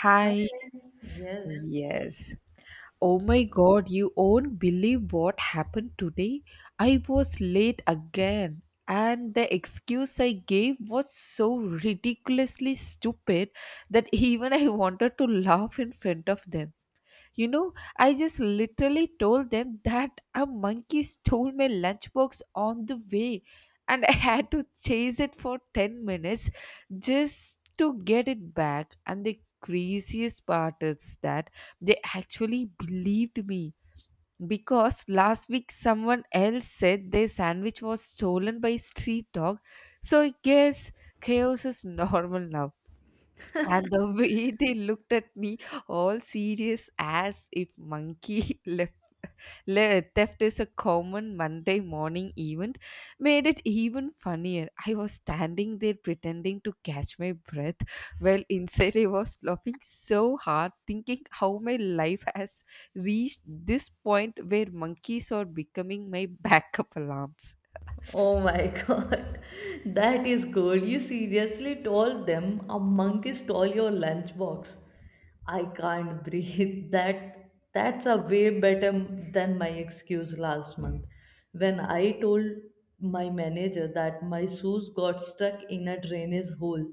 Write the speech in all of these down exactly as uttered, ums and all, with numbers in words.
Hi, Hi. Yes. yes. Oh my god, you won't believe what happened today. I was late again, and the excuse I gave was so ridiculously stupid that even I wanted to laugh in front of them. You know, I just literally told them that a monkey stole my lunchbox on the way and I had to chase it for ten minutes just to get it back. And the craziest part is that they actually believed me because last week someone else said their sandwich was stolen by a street dog. So I guess chaos is normal now. And the way they looked at me, all serious, as if monkey left, le- theft is a common Monday morning event, made it even funnier. I was standing there pretending to catch my breath, while inside I was laughing so hard, thinking how my life has reached this point where monkeys are becoming my backup alarms. Oh my god, that is gold. You seriously told them a monkey stole your lunchbox. I can't breathe. That that's a way better m- than my excuse last month when I told my manager that my shoes got stuck in a drainage hole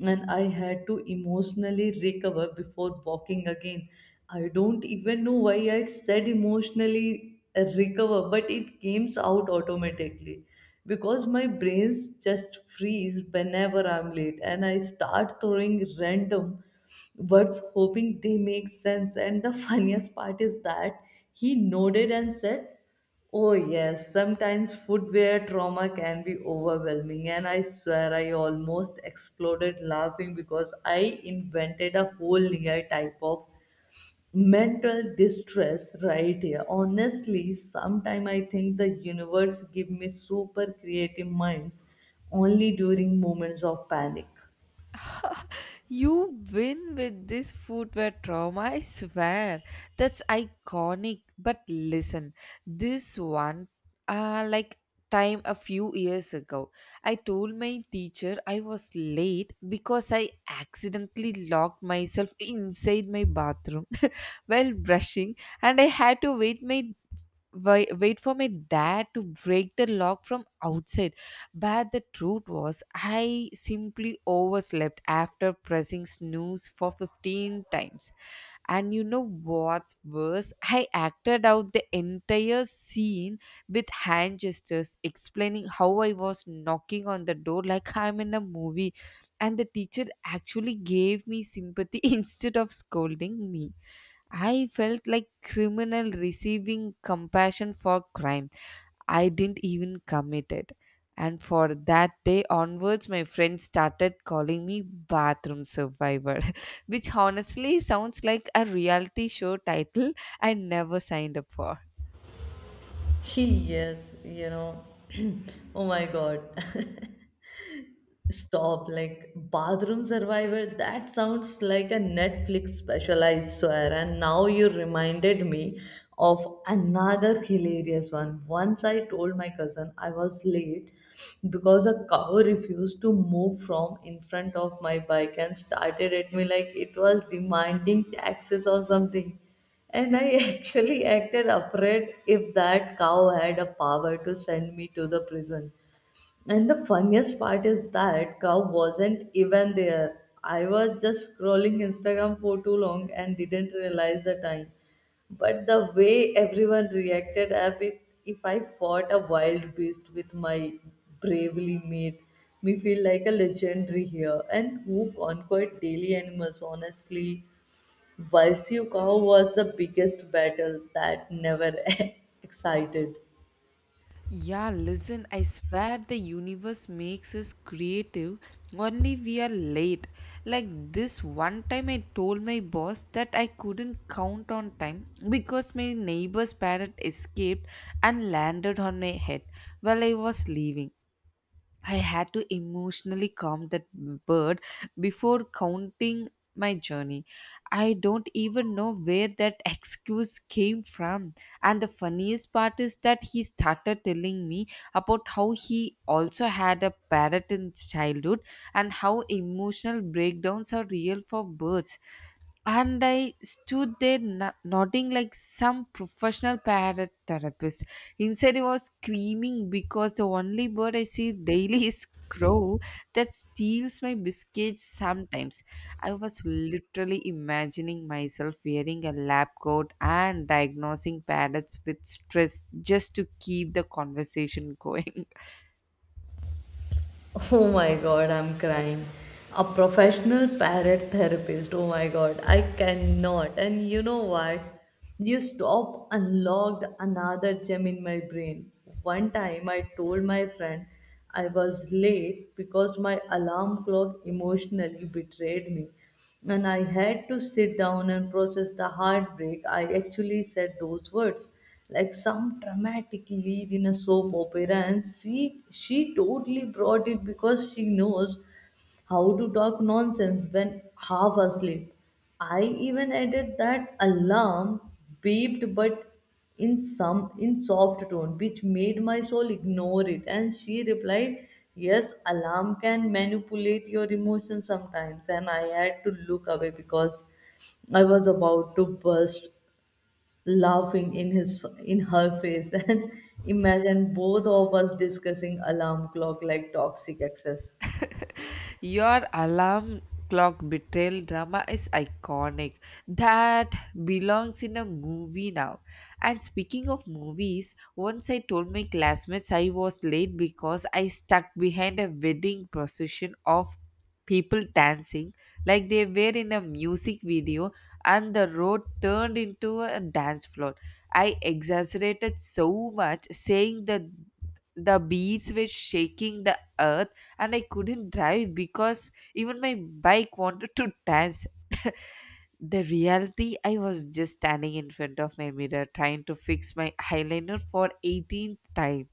and I had to emotionally recover before walking again. I don't even know why I said emotionally uh, recover, but it came out automatically because my brains just freeze whenever I'm late and I start throwing random words hoping they make sense. And the funniest part is that he nodded and said, "Oh, yes, sometimes footwear trauma can be overwhelming," and I swear I almost exploded laughing because I invented a whole near type of mental distress right here. Honestly, sometime I think the universe give me super creative minds only during moments of panic. You win with this footwear trauma, I swear. That's iconic. But listen, this one, uh, like time a few years ago, I told my teacher I was late because I accidentally locked myself inside my bathroom while brushing and I had to wait my wait, wait for my dad to break the lock from outside. But the truth was, I simply overslept after pressing snooze for fifteen times. And you know what's worse? I acted out the entire scene with hand gestures, explaining how I was knocking on the door like I'm in a movie. And the teacher actually gave me sympathy instead of scolding me. I felt like criminal receiving compassion for crime I didn't even commit it. And for that day onwards, my friends started calling me bathroom survivor, which honestly sounds like a reality show title I never signed up for. He, yes, you know. Oh my god. Stop, like bathroom survivor. That sounds like a Netflix special, I swear. And now you reminded me of another hilarious one. Once I told my cousin I was late because a cow refused to move from in front of my bike and started at me like it was demanding taxes or something. And I actually acted afraid if that cow had a power to send me to the prison. And the funniest part is that cow wasn't even there. I was just scrolling Instagram for too long and didn't realize the time. But the way everyone reacted as if, if I fought a wild beast with my bravely made me feel like a legendary here. And who conquered daily animals, honestly. Versus cow was the biggest battle that never excited. Yeah, listen, I swear the universe makes us creative, only we are late. Like this one time, I told my boss that I couldn't count on time because my neighbor's parrot escaped and landed on my head while I was leaving. I had to emotionally calm that bird before counting my journey. I don't even know where that excuse came from. And the funniest part is that he started telling me about how he also had a parrot in childhood and how emotional breakdowns are real for birds and I stood there no- nodding like some professional parrot therapist. Instead, I was screaming because the only bird I see daily is crow that steals my biscuits sometimes. I was literally imagining myself wearing a lab coat and diagnosing parrots with stress just to keep the conversation going. Oh my god, I'm crying. A professional parrot therapist. Oh my god, I cannot. And you know what? You stop unlocked another gem in my brain. One time I told my friend I was late because my alarm clock emotionally betrayed me. And I had to sit down and process the heartbreak. I actually said those words like some dramatic lead in a soap opera, and she she totally brought it because she knows how to talk nonsense when half asleep. I even added that alarm beeped but in some in soft tone which made my soul ignore it, and she replied, "Yes, alarm can manipulate your emotions sometimes," and I had to look away because I was about to burst laughing in his in her face. And imagine both of us discussing alarm clock like toxic excess. Your alarm clock betrayal drama is iconic. That belongs in a movie now. And speaking of movies, once I told my classmates I was late because I stuck behind a wedding procession of people dancing like they were in a music video and the road turned into a dance floor. I exaggerated so much saying that the beats were shaking the earth and I couldn't drive because even my bike wanted to dance. The reality, I was just standing in front of my mirror trying to fix my eyeliner for eighteenth time.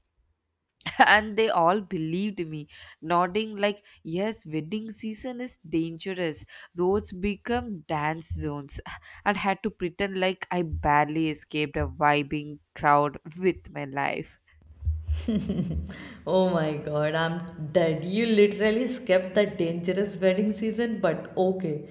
And they all believed me, nodding like, yes, wedding season is dangerous. Roads become dance zones. And had to pretend like I barely escaped a vibing crowd with my life. Oh my god, I'm dead. You literally skipped the dangerous wedding season, but okay.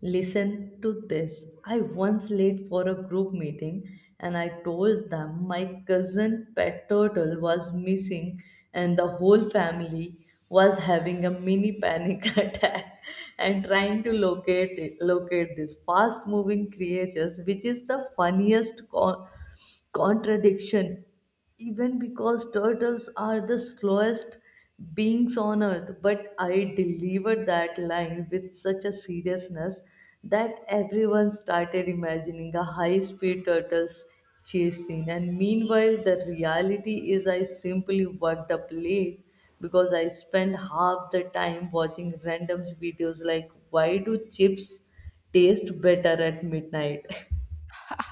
Listen to this. I once late for a group meeting and I told them my cousin pet turtle was missing and the whole family was having a mini panic attack and trying to locate it, locate this fast moving creatures, which is the funniest con- contradiction even because turtles are the slowest beings on earth, but I delivered that line with such a seriousness that everyone started imagining a high speed turtles chase scene. And meanwhile the reality is I simply worked up late because I spent half the time watching random videos like why do chips taste better at midnight.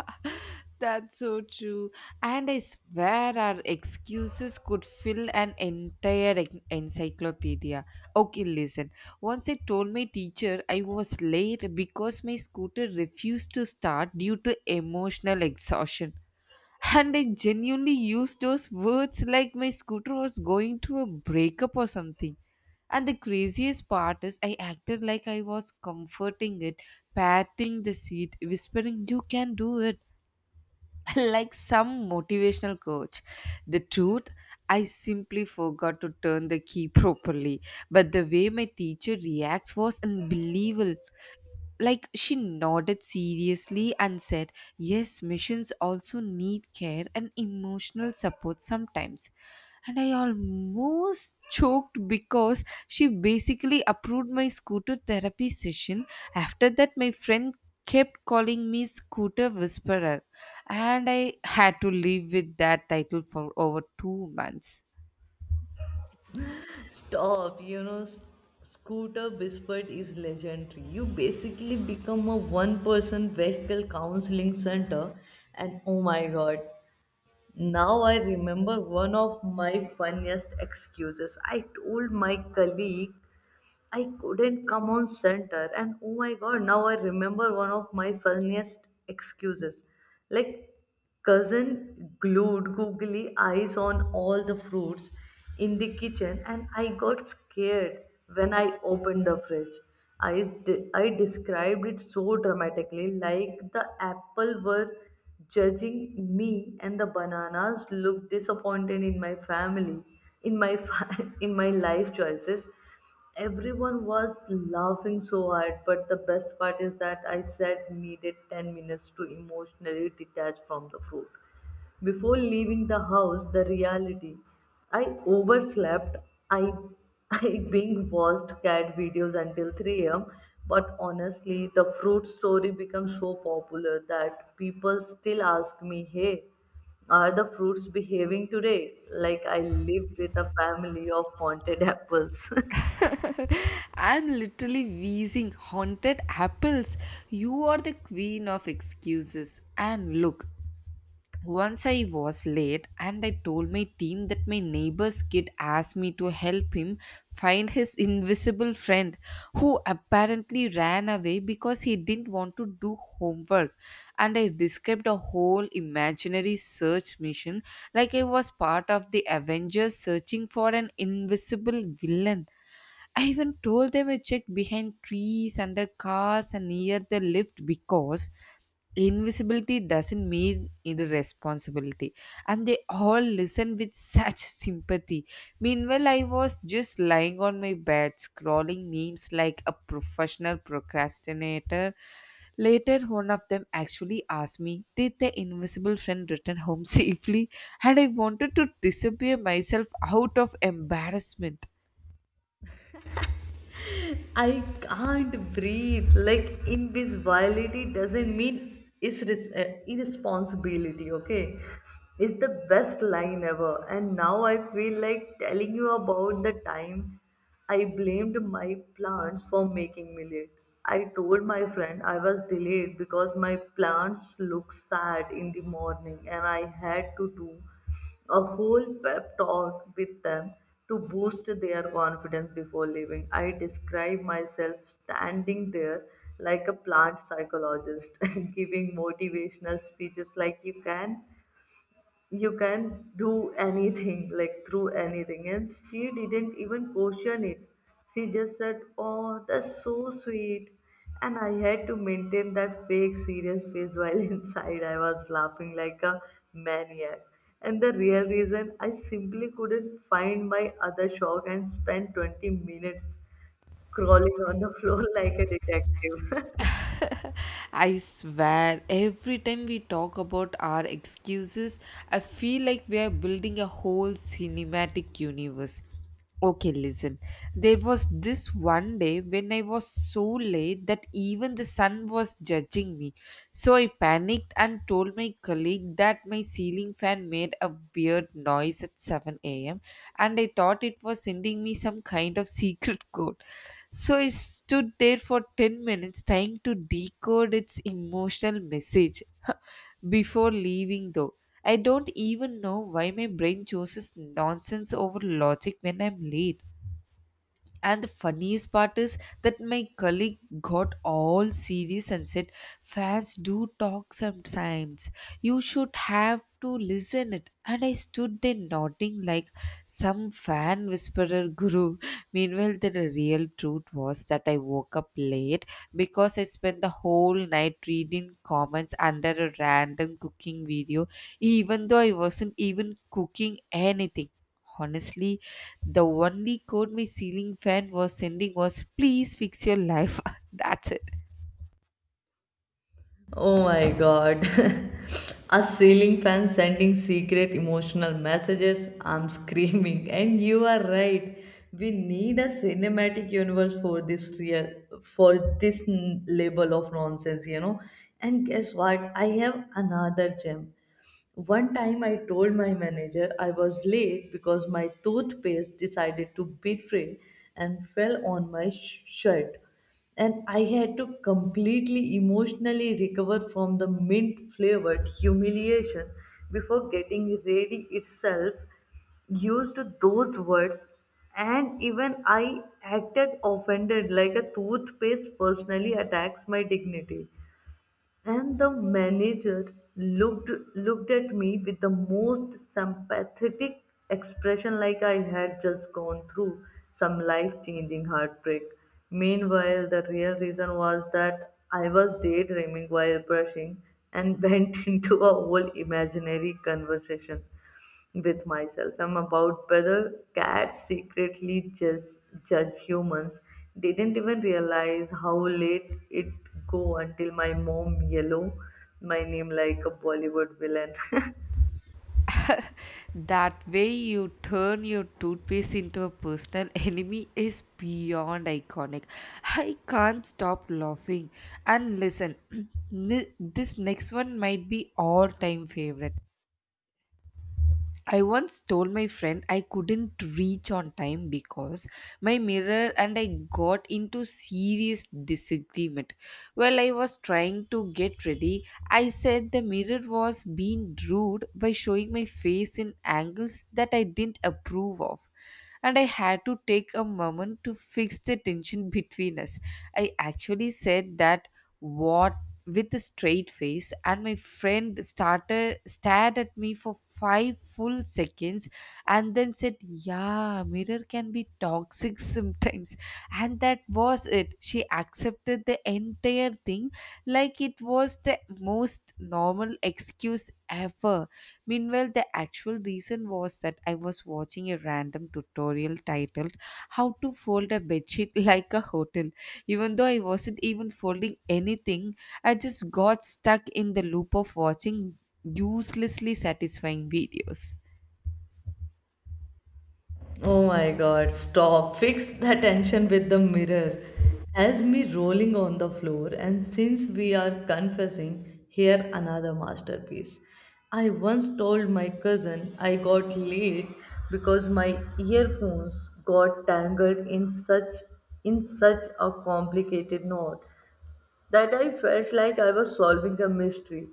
That's so true. And I swear our excuses could fill an entire en- encyclopedia. Okay, listen. Once I told my teacher I was late because my scooter refused to start due to emotional exhaustion. And I genuinely used those words like my scooter was going through a breakup or something. And the craziest part is, I acted like I was comforting it, patting the seat, whispering, "You can do it" like some motivational coach. The truth, I simply forgot to turn the key properly, but the way my teacher reacts was unbelievable, like she nodded seriously and said, "Yes, missions also need care and emotional support sometimes," and I almost choked because she basically approved my scooter therapy session. After that, my friend kept calling me scooter whisperer, and I had to live with that title for over two months. Stop, you know, S- Scooter Whispered is legendary. You basically become a one person vehicle counseling center, and oh my god, now I remember one of my funniest excuses. I told my colleague I couldn't come on center, and oh my god, now I remember one of my funniest excuses. Like, cousin glued googly eyes on all the fruits in the kitchen, and I got scared when I opened the fridge. I, s- de- I described it so dramatically, like the apple were judging me, and the bananas looked disappointed in my family, in my fa- in my life choices. Everyone was laughing so hard, but the best part is that I said needed ten minutes to emotionally detach from the fruit before leaving the house. The reality, I overslept. I, I being watched cat videos until three a m. But honestly, the fruit story became so popular that people still ask me, "Hey, are the fruits behaving today?" Like I live with a family of haunted apples. I'm literally wheezing haunted apples. You are the queen of excuses. And look, once I was late and I told my team that my neighbor's kid asked me to help him find his invisible friend who apparently ran away because he didn't want to do homework. And I described a whole imaginary search mission like I was part of the Avengers searching for an invisible villain. I even told them I checked behind trees, under cars, and near the lift because invisibility doesn't mean irresponsibility. And they all listened with such sympathy. Meanwhile, I was just lying on my bed scrolling memes like a professional procrastinator. Later, one of them actually asked me, "Did the invisible friend return home safely?" And I wanted to disappear myself out of embarrassment. I can't breathe. Like, invisibility doesn't mean is irresponsibility. Okay, it's the best line ever. And now I feel like telling you about the time I blamed my plants for making me late. I told my friend I was delayed because my plants looked sad in the morning, and I had to do a whole pep talk with them to boost their confidence before leaving. I describe myself standing there like a plant psychologist, giving motivational speeches like, "You can you can do anything, like through anything," and she didn't even question it. She just said, "Oh, that's so sweet," and I had to maintain that fake serious face while inside I was laughing like a maniac. And the real reason, I simply couldn't find my other shock and spent twenty minutes crawling on the floor like a detective. I swear, every time we talk about our excuses, I feel like we are building a whole cinematic universe. Okay, listen. There was this one day when I was so late that even the sun was judging me. So I panicked and told my colleague that my ceiling fan made a weird noise at seven a m and I thought it was sending me some kind of secret code. So I stood there for ten minutes trying to decode its emotional message before leaving, though. I don't even know why my brain chooses nonsense over logic when I'm late. And the funniest part is that my colleague got all serious and said, "Fans do talk sometimes. You should have to listen it." And I stood there nodding like some fan whisperer guru. Meanwhile, the real truth was that I woke up late because I spent the whole night reading comments under a random cooking video, even though I wasn't even cooking anything. Honestly, the only code my ceiling fan was sending was please fix your life. That's it. Oh my god. A ceiling fan sending secret emotional messages. I'm screaming. And you are right. We need a cinematic universe for this real for this n- level of nonsense, you know. And guess what? I have another gem. One time I told my manager I was late because my toothpaste decided to betray and fell on my sh- shirt. And I had to completely emotionally recover from the mint flavored humiliation before getting ready itself. Used to those words, and even I acted offended like a toothpaste personally attacks my dignity. And the manager looked looked at me with the most sympathetic expression like I had just gone through some life-changing heartbreak. Meanwhile, the real reason was that I was daydreaming while brushing and went into a whole imaginary conversation with myself, I'm about whether cats secretly just judge humans. Didn't even realize how late it go until my mom yellow my name like a Bollywood villain. That way you turn your toothpaste into a personal enemy is beyond iconic. I can't stop laughing. And listen, ni- this next one might be all time favorite. I once told my friend I couldn't reach on time because my mirror and I got into serious disagreement. While I was trying to get ready, I said the mirror was being rude by showing my face in angles that I didn't approve of and I had to take a moment to fix the tension between us. I actually said that, what, with a straight face, and my friend started stared at me for five full seconds and then said, "Yeah, mirror can be toxic sometimes," and that was it. She accepted the entire thing like it was the most normal excuse ever. Meanwhile, the actual reason was that I was watching a random tutorial titled "How to Fold a Bedsheet Like a Hotel." Even though I wasn't even folding anything, I just got stuck in the loop of watching uselessly satisfying videos. Oh my god, stop. Fix the tension with the mirror. Has me rolling on the floor, and since we are confessing, here another masterpiece. I once told my cousin I got late because my earphones got tangled in such in such a complicated knot that I felt like I was solving a mystery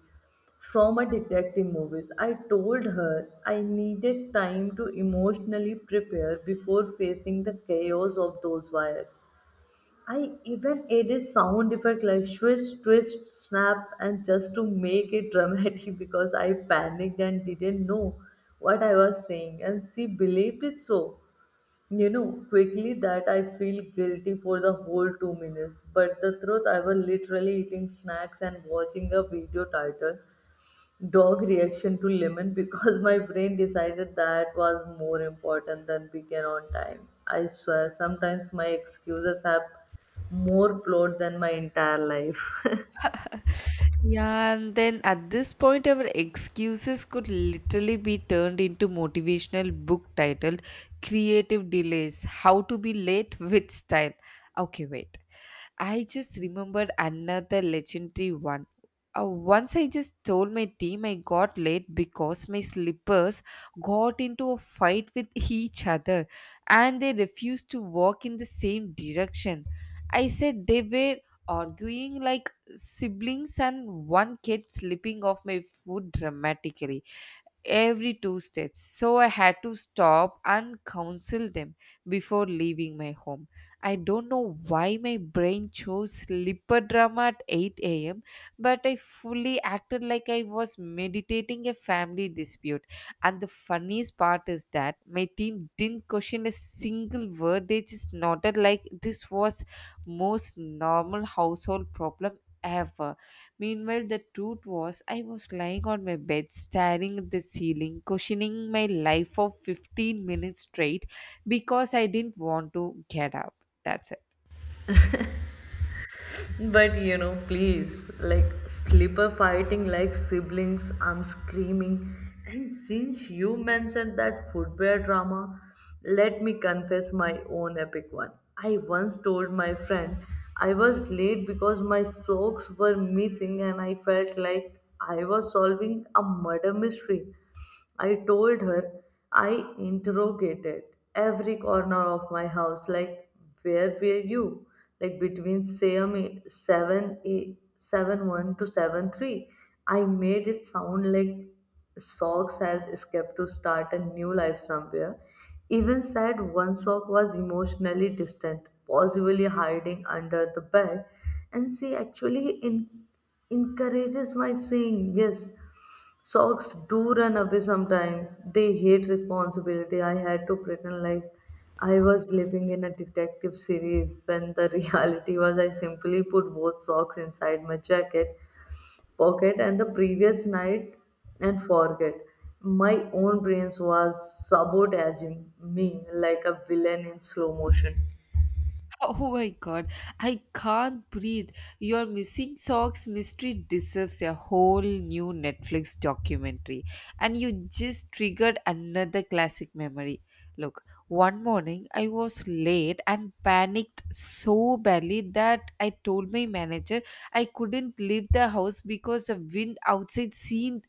from a detective movies. I told her I needed time to emotionally prepare before facing the chaos of those wires. I even added sound effect like swish, twist, snap, and just to make it dramatic because I panicked and didn't know what I was saying, and she believed it so, you know, quickly that I feel guilty for the whole two minutes. But the truth, I was literally eating snacks and watching a video titled Dog Reaction to Lemon because my brain decided that was more important than began on time. I swear, sometimes my excuses have more plot than my entire life. Yeah, and then at this point, our excuses could literally be turned into motivational book titled "Creative Delays: How to Be Late with Style." Okay, wait. I just remembered another legendary one. Uh, once I just told my team I got late because my slippers got into a fight with each other and they refused to walk in the same direction. I said they were arguing like siblings and one kid slipping off my foot dramatically every two steps. So I had to stop and counsel them before leaving my home. I don't know why my brain chose slipper drama at eight a m, but I fully acted like I was meditating a family dispute. And the funniest part is that my team didn't question a single word, they just nodded like this was most normal household problem ever. Meanwhile, the truth was, I was lying on my bed, staring at the ceiling, cushioning my life for fifteen minutes straight because I didn't want to get up. That's it. But you know, please, like slipper fighting like siblings, I'm screaming. And since you mentioned that footwear drama, let me confess my own epic one. I once told my friend I was late because my socks were missing and I felt like I was solving a murder mystery. I told her I interrogated every corner of my house, like, "Where were you? Like between same seven a seven one to seven three." I made it sound like socks has escaped to start a new life somewhere. Even said one sock was emotionally distant, possibly hiding under the bed, and she actually in- encourages my saying, "Yes, socks do run away sometimes. They hate responsibility." I had to pretend like I was living in a detective series when the reality was I simply put both socks inside my jacket pocket and the previous night, and forget. My own brains was sabotaging me like a villain in slow motion. Oh my god, I can't breathe. Your missing socks mystery deserves a whole new Netflix documentary. And you just triggered another classic memory. Look, one morning I was late and panicked so badly that I told my manager I couldn't leave the house because the wind outside seemed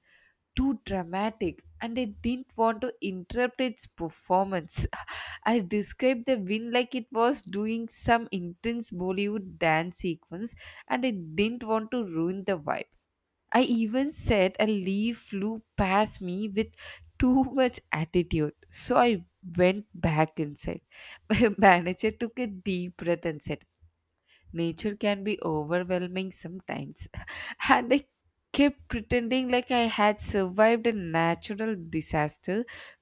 too dramatic and I didn't want to interrupt its performance. I described the win like it was doing some intense Bollywood dance sequence and I didn't want to ruin the vibe. I even said a leaf flew past me with too much attitude. So I went back inside. My manager took a deep breath and said, nature can be overwhelming sometimes. And I kept pretending like I had survived a natural disaster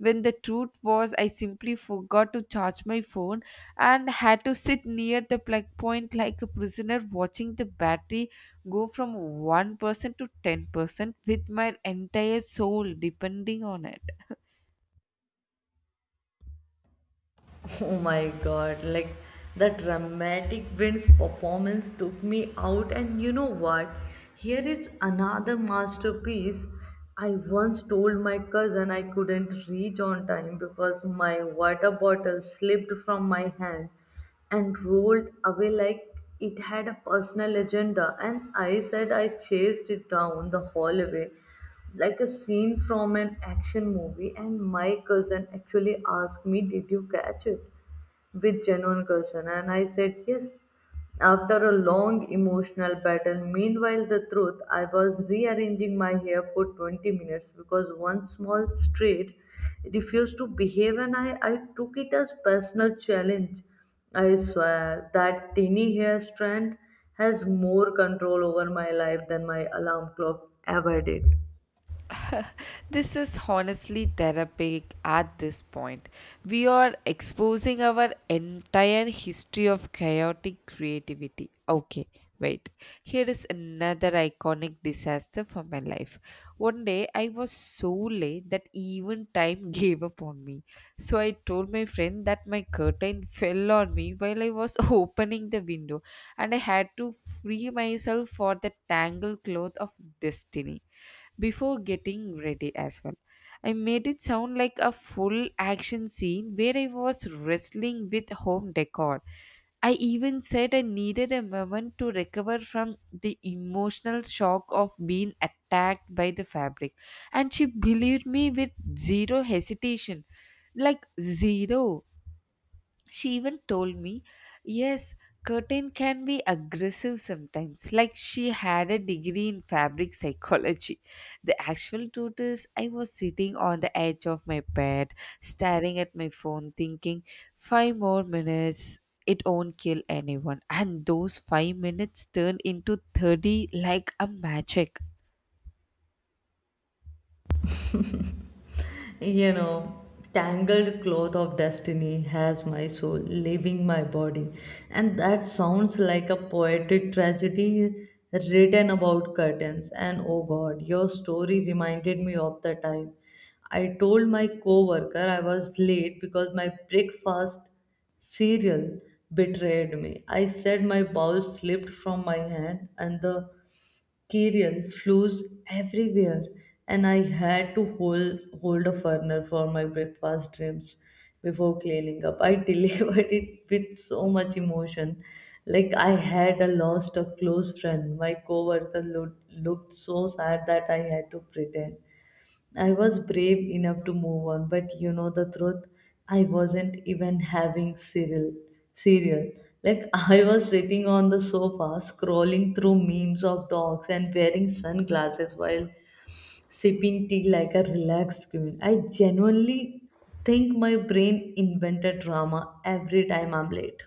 when the truth was I simply forgot to charge my phone, and had to sit near the plug point like a prisoner watching the battery go from one percent to ten percent with my entire soul depending on it. Oh my god, like the dramatic Vince performance took me out, and you know what? Here is another masterpiece. I once told my cousin I couldn't reach on time because my water bottle slipped from my hand and rolled away like it had a personal agenda. And I said I chased it down the hallway like a scene from an action movie. And my cousin actually asked me, "Did you catch it?" with genuine concern, and I said yes, after a long emotional battle. Meanwhile, the truth, I was rearranging my hair for twenty minutes because one small street refused to behave, and i, I took it as personal challenge. I swear that tiny hair strand has more control over my life than my alarm clock ever did. This is honestly therapeutic at this point. We are exposing our entire history of chaotic creativity. Okay, wait. Here is another iconic disaster for my life. One day I was so late that even time gave up on me. So I told my friend that my curtain fell on me while I was opening the window, and I had to free myself for the tangled cloth of destiny before getting ready as well. I made it sound like a full action scene where I was wrestling with home decor. I even said I needed a moment to recover from the emotional shock of being attacked by the fabric. And she believed me with zero hesitation. Like, zero. She even told me, yes, curtain can be aggressive sometimes. Like she had a degree in fabric psychology. The actual truth is, I was sitting on the edge of my bed, staring at my phone, thinking, five more minutes, it won't kill anyone. And those five minutes turned into thirty like a magic. You know, tangled cloth of destiny has my soul leaving my body, and that sounds like a poetic tragedy written about curtains. And oh god, your story reminded me of the time I told my coworker I was late because my breakfast cereal betrayed me. I said my bowl slipped from my hand and the Kerala flows everywhere, and I had to hold hold a burner for my breakfast dreams before cleaning up. I delivered it with so much emotion, like I had a lost a close friend. My coworker looked looked so sad that I had to pretend I was brave enough to move on, but you know the truth, I wasn't even having cereal. Cereal. Like, I was sitting on the sofa scrolling through memes of dogs and wearing sunglasses while sipping tea like a relaxed queen. I genuinely think my brain invented drama every time I'm late.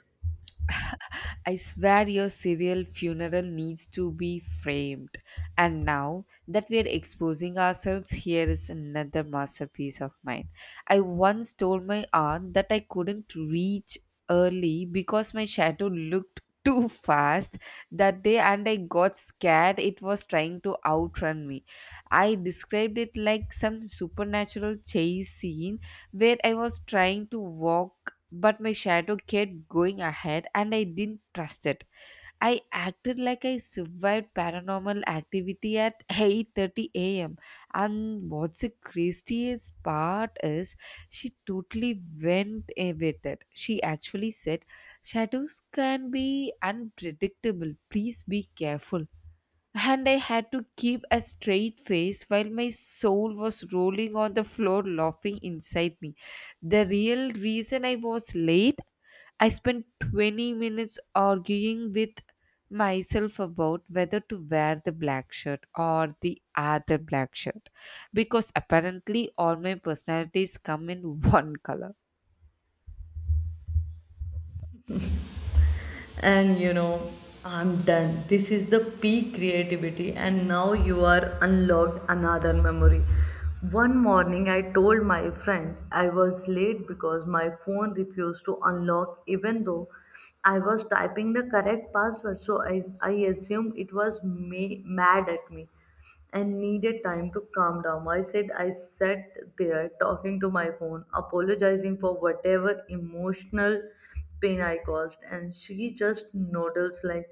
I swear your serial funeral needs to be framed. And now that we are exposing ourselves, here is another masterpiece of mine. I once told my aunt that I couldn't reach early because my shadow looked too fast that day and I got scared it was trying to outrun me. I described it like some supernatural chase scene where I was trying to walk, but my shadow kept going ahead and I didn't trust it. I acted like I survived paranormal activity at eight thirty a m. And what's the craziest part is she totally went eh, with it. She actually said, "Shadows can be unpredictable. Please be careful." And I had to keep a straight face while my soul was rolling on the floor laughing inside me. The real reason I was late, I spent twenty minutes arguing with myself about whether to wear the black shirt or the other black shirt, because apparently all my personalities come in one color. And you know, I'm done. This is the peak creativity, and now you are unlocked another memory. One morning I told my friend I was late because my phone refused to unlock even though I was typing the correct password, so i, I assumed it was ma- mad at me and needed time to calm down. I said I sat there talking to my phone, apologizing for whatever emotional pain I caused. And she just noddles like,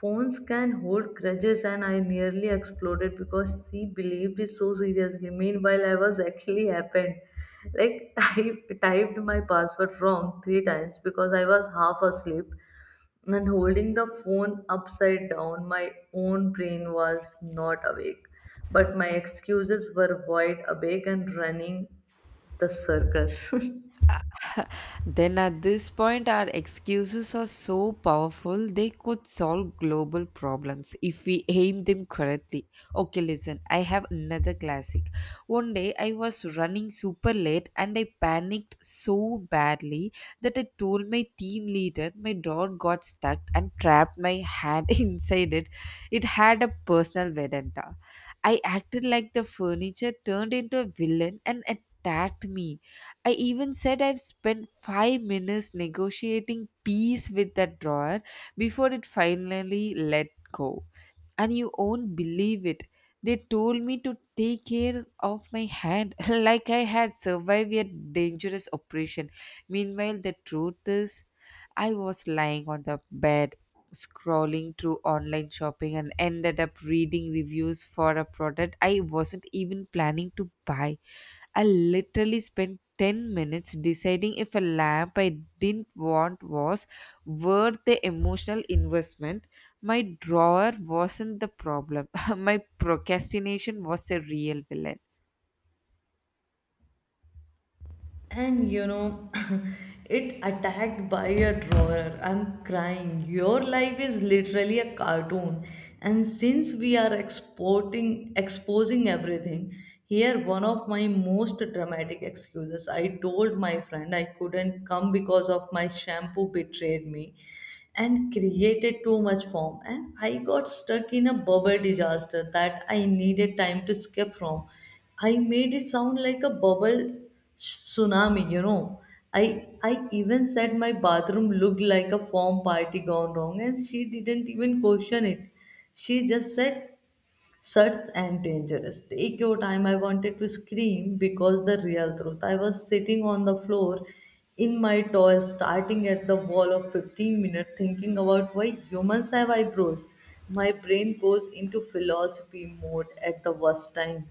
"Phones can hold grudges," and I nearly exploded because she believed it so seriously. Meanwhile, I was actually happened. Like, type, typed my password wrong three times because I was half asleep and holding the phone upside down. My own brain was not awake, but my excuses were wide awake and running the circus. Then at this point, our excuses are so powerful, they could solve global problems if we aim them correctly. Okay, listen, I have another classic. One day I was running super late and I panicked so badly that I told my team leader my dog got stuck and trapped my hand inside it. It had a personal vendetta. I acted like the furniture turned into a villain and attacked me. I even said I've spent five minutes negotiating peace with that drawer before it finally let go. And you won't believe it. They told me to take care of my hand like I had survived a dangerous operation. Meanwhile, the truth is, I was lying on the bed scrolling through online shopping and ended up reading reviews for a product I wasn't even planning to buy. I literally spent ten minutes deciding if a lamp I didn't want was worth the emotional investment. My drawer wasn't the problem, my procrastination was a real villain. And you know, it attacked by a drawer, I'm crying. Your life is literally a cartoon. And since we are exporting exposing everything, here one of my most dramatic excuses. I told my friend I couldn't come because of my shampoo betrayed me and created too much foam, and I got stuck in a bubble disaster that I needed time to escape from. I made it sound like a bubble tsunami, you know. I I even said my bathroom looked like a form party gone wrong, and she didn't even question it. She just said, "Such and dangerous. Take your time." I wanted to scream because the real truth, I was sitting on the floor in my toy, starting at the wall of fifteen minutes, thinking about why humans have eyebrows. My brain goes into philosophy mode at the worst time.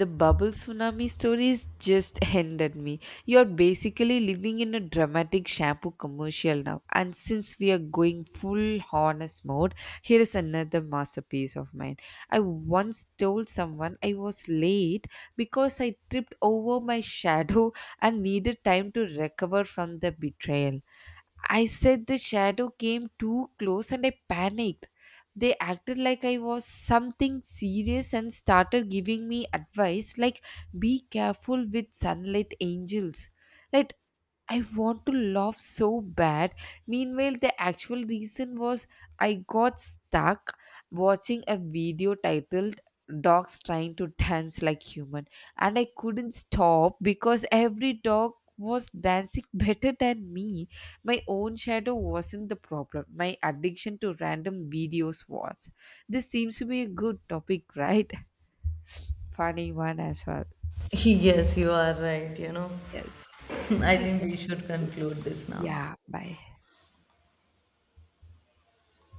The bubble tsunami stories just ended me. You're basically living in a dramatic shampoo commercial now. And since we are going full honest mode, here is another masterpiece of mine. I once told someone I was late because I tripped over my shadow and needed time to recover from the betrayal. I said the shadow came too close and I panicked. They acted like I was something serious and started giving me advice like, be careful with sunlight angels. Like, I want to laugh so bad. Meanwhile, the actual reason was I got stuck watching a video titled Dogs Trying to Dance Like Human, and I couldn't stop because every dog was dancing better than me. My own shadow wasn't the problem. My addiction to random videos was. This seems to be a good topic, right? Funny one as well. Yes, you are right, you know. Yes. I We think can we should conclude. conclude this now. Yeah, bye.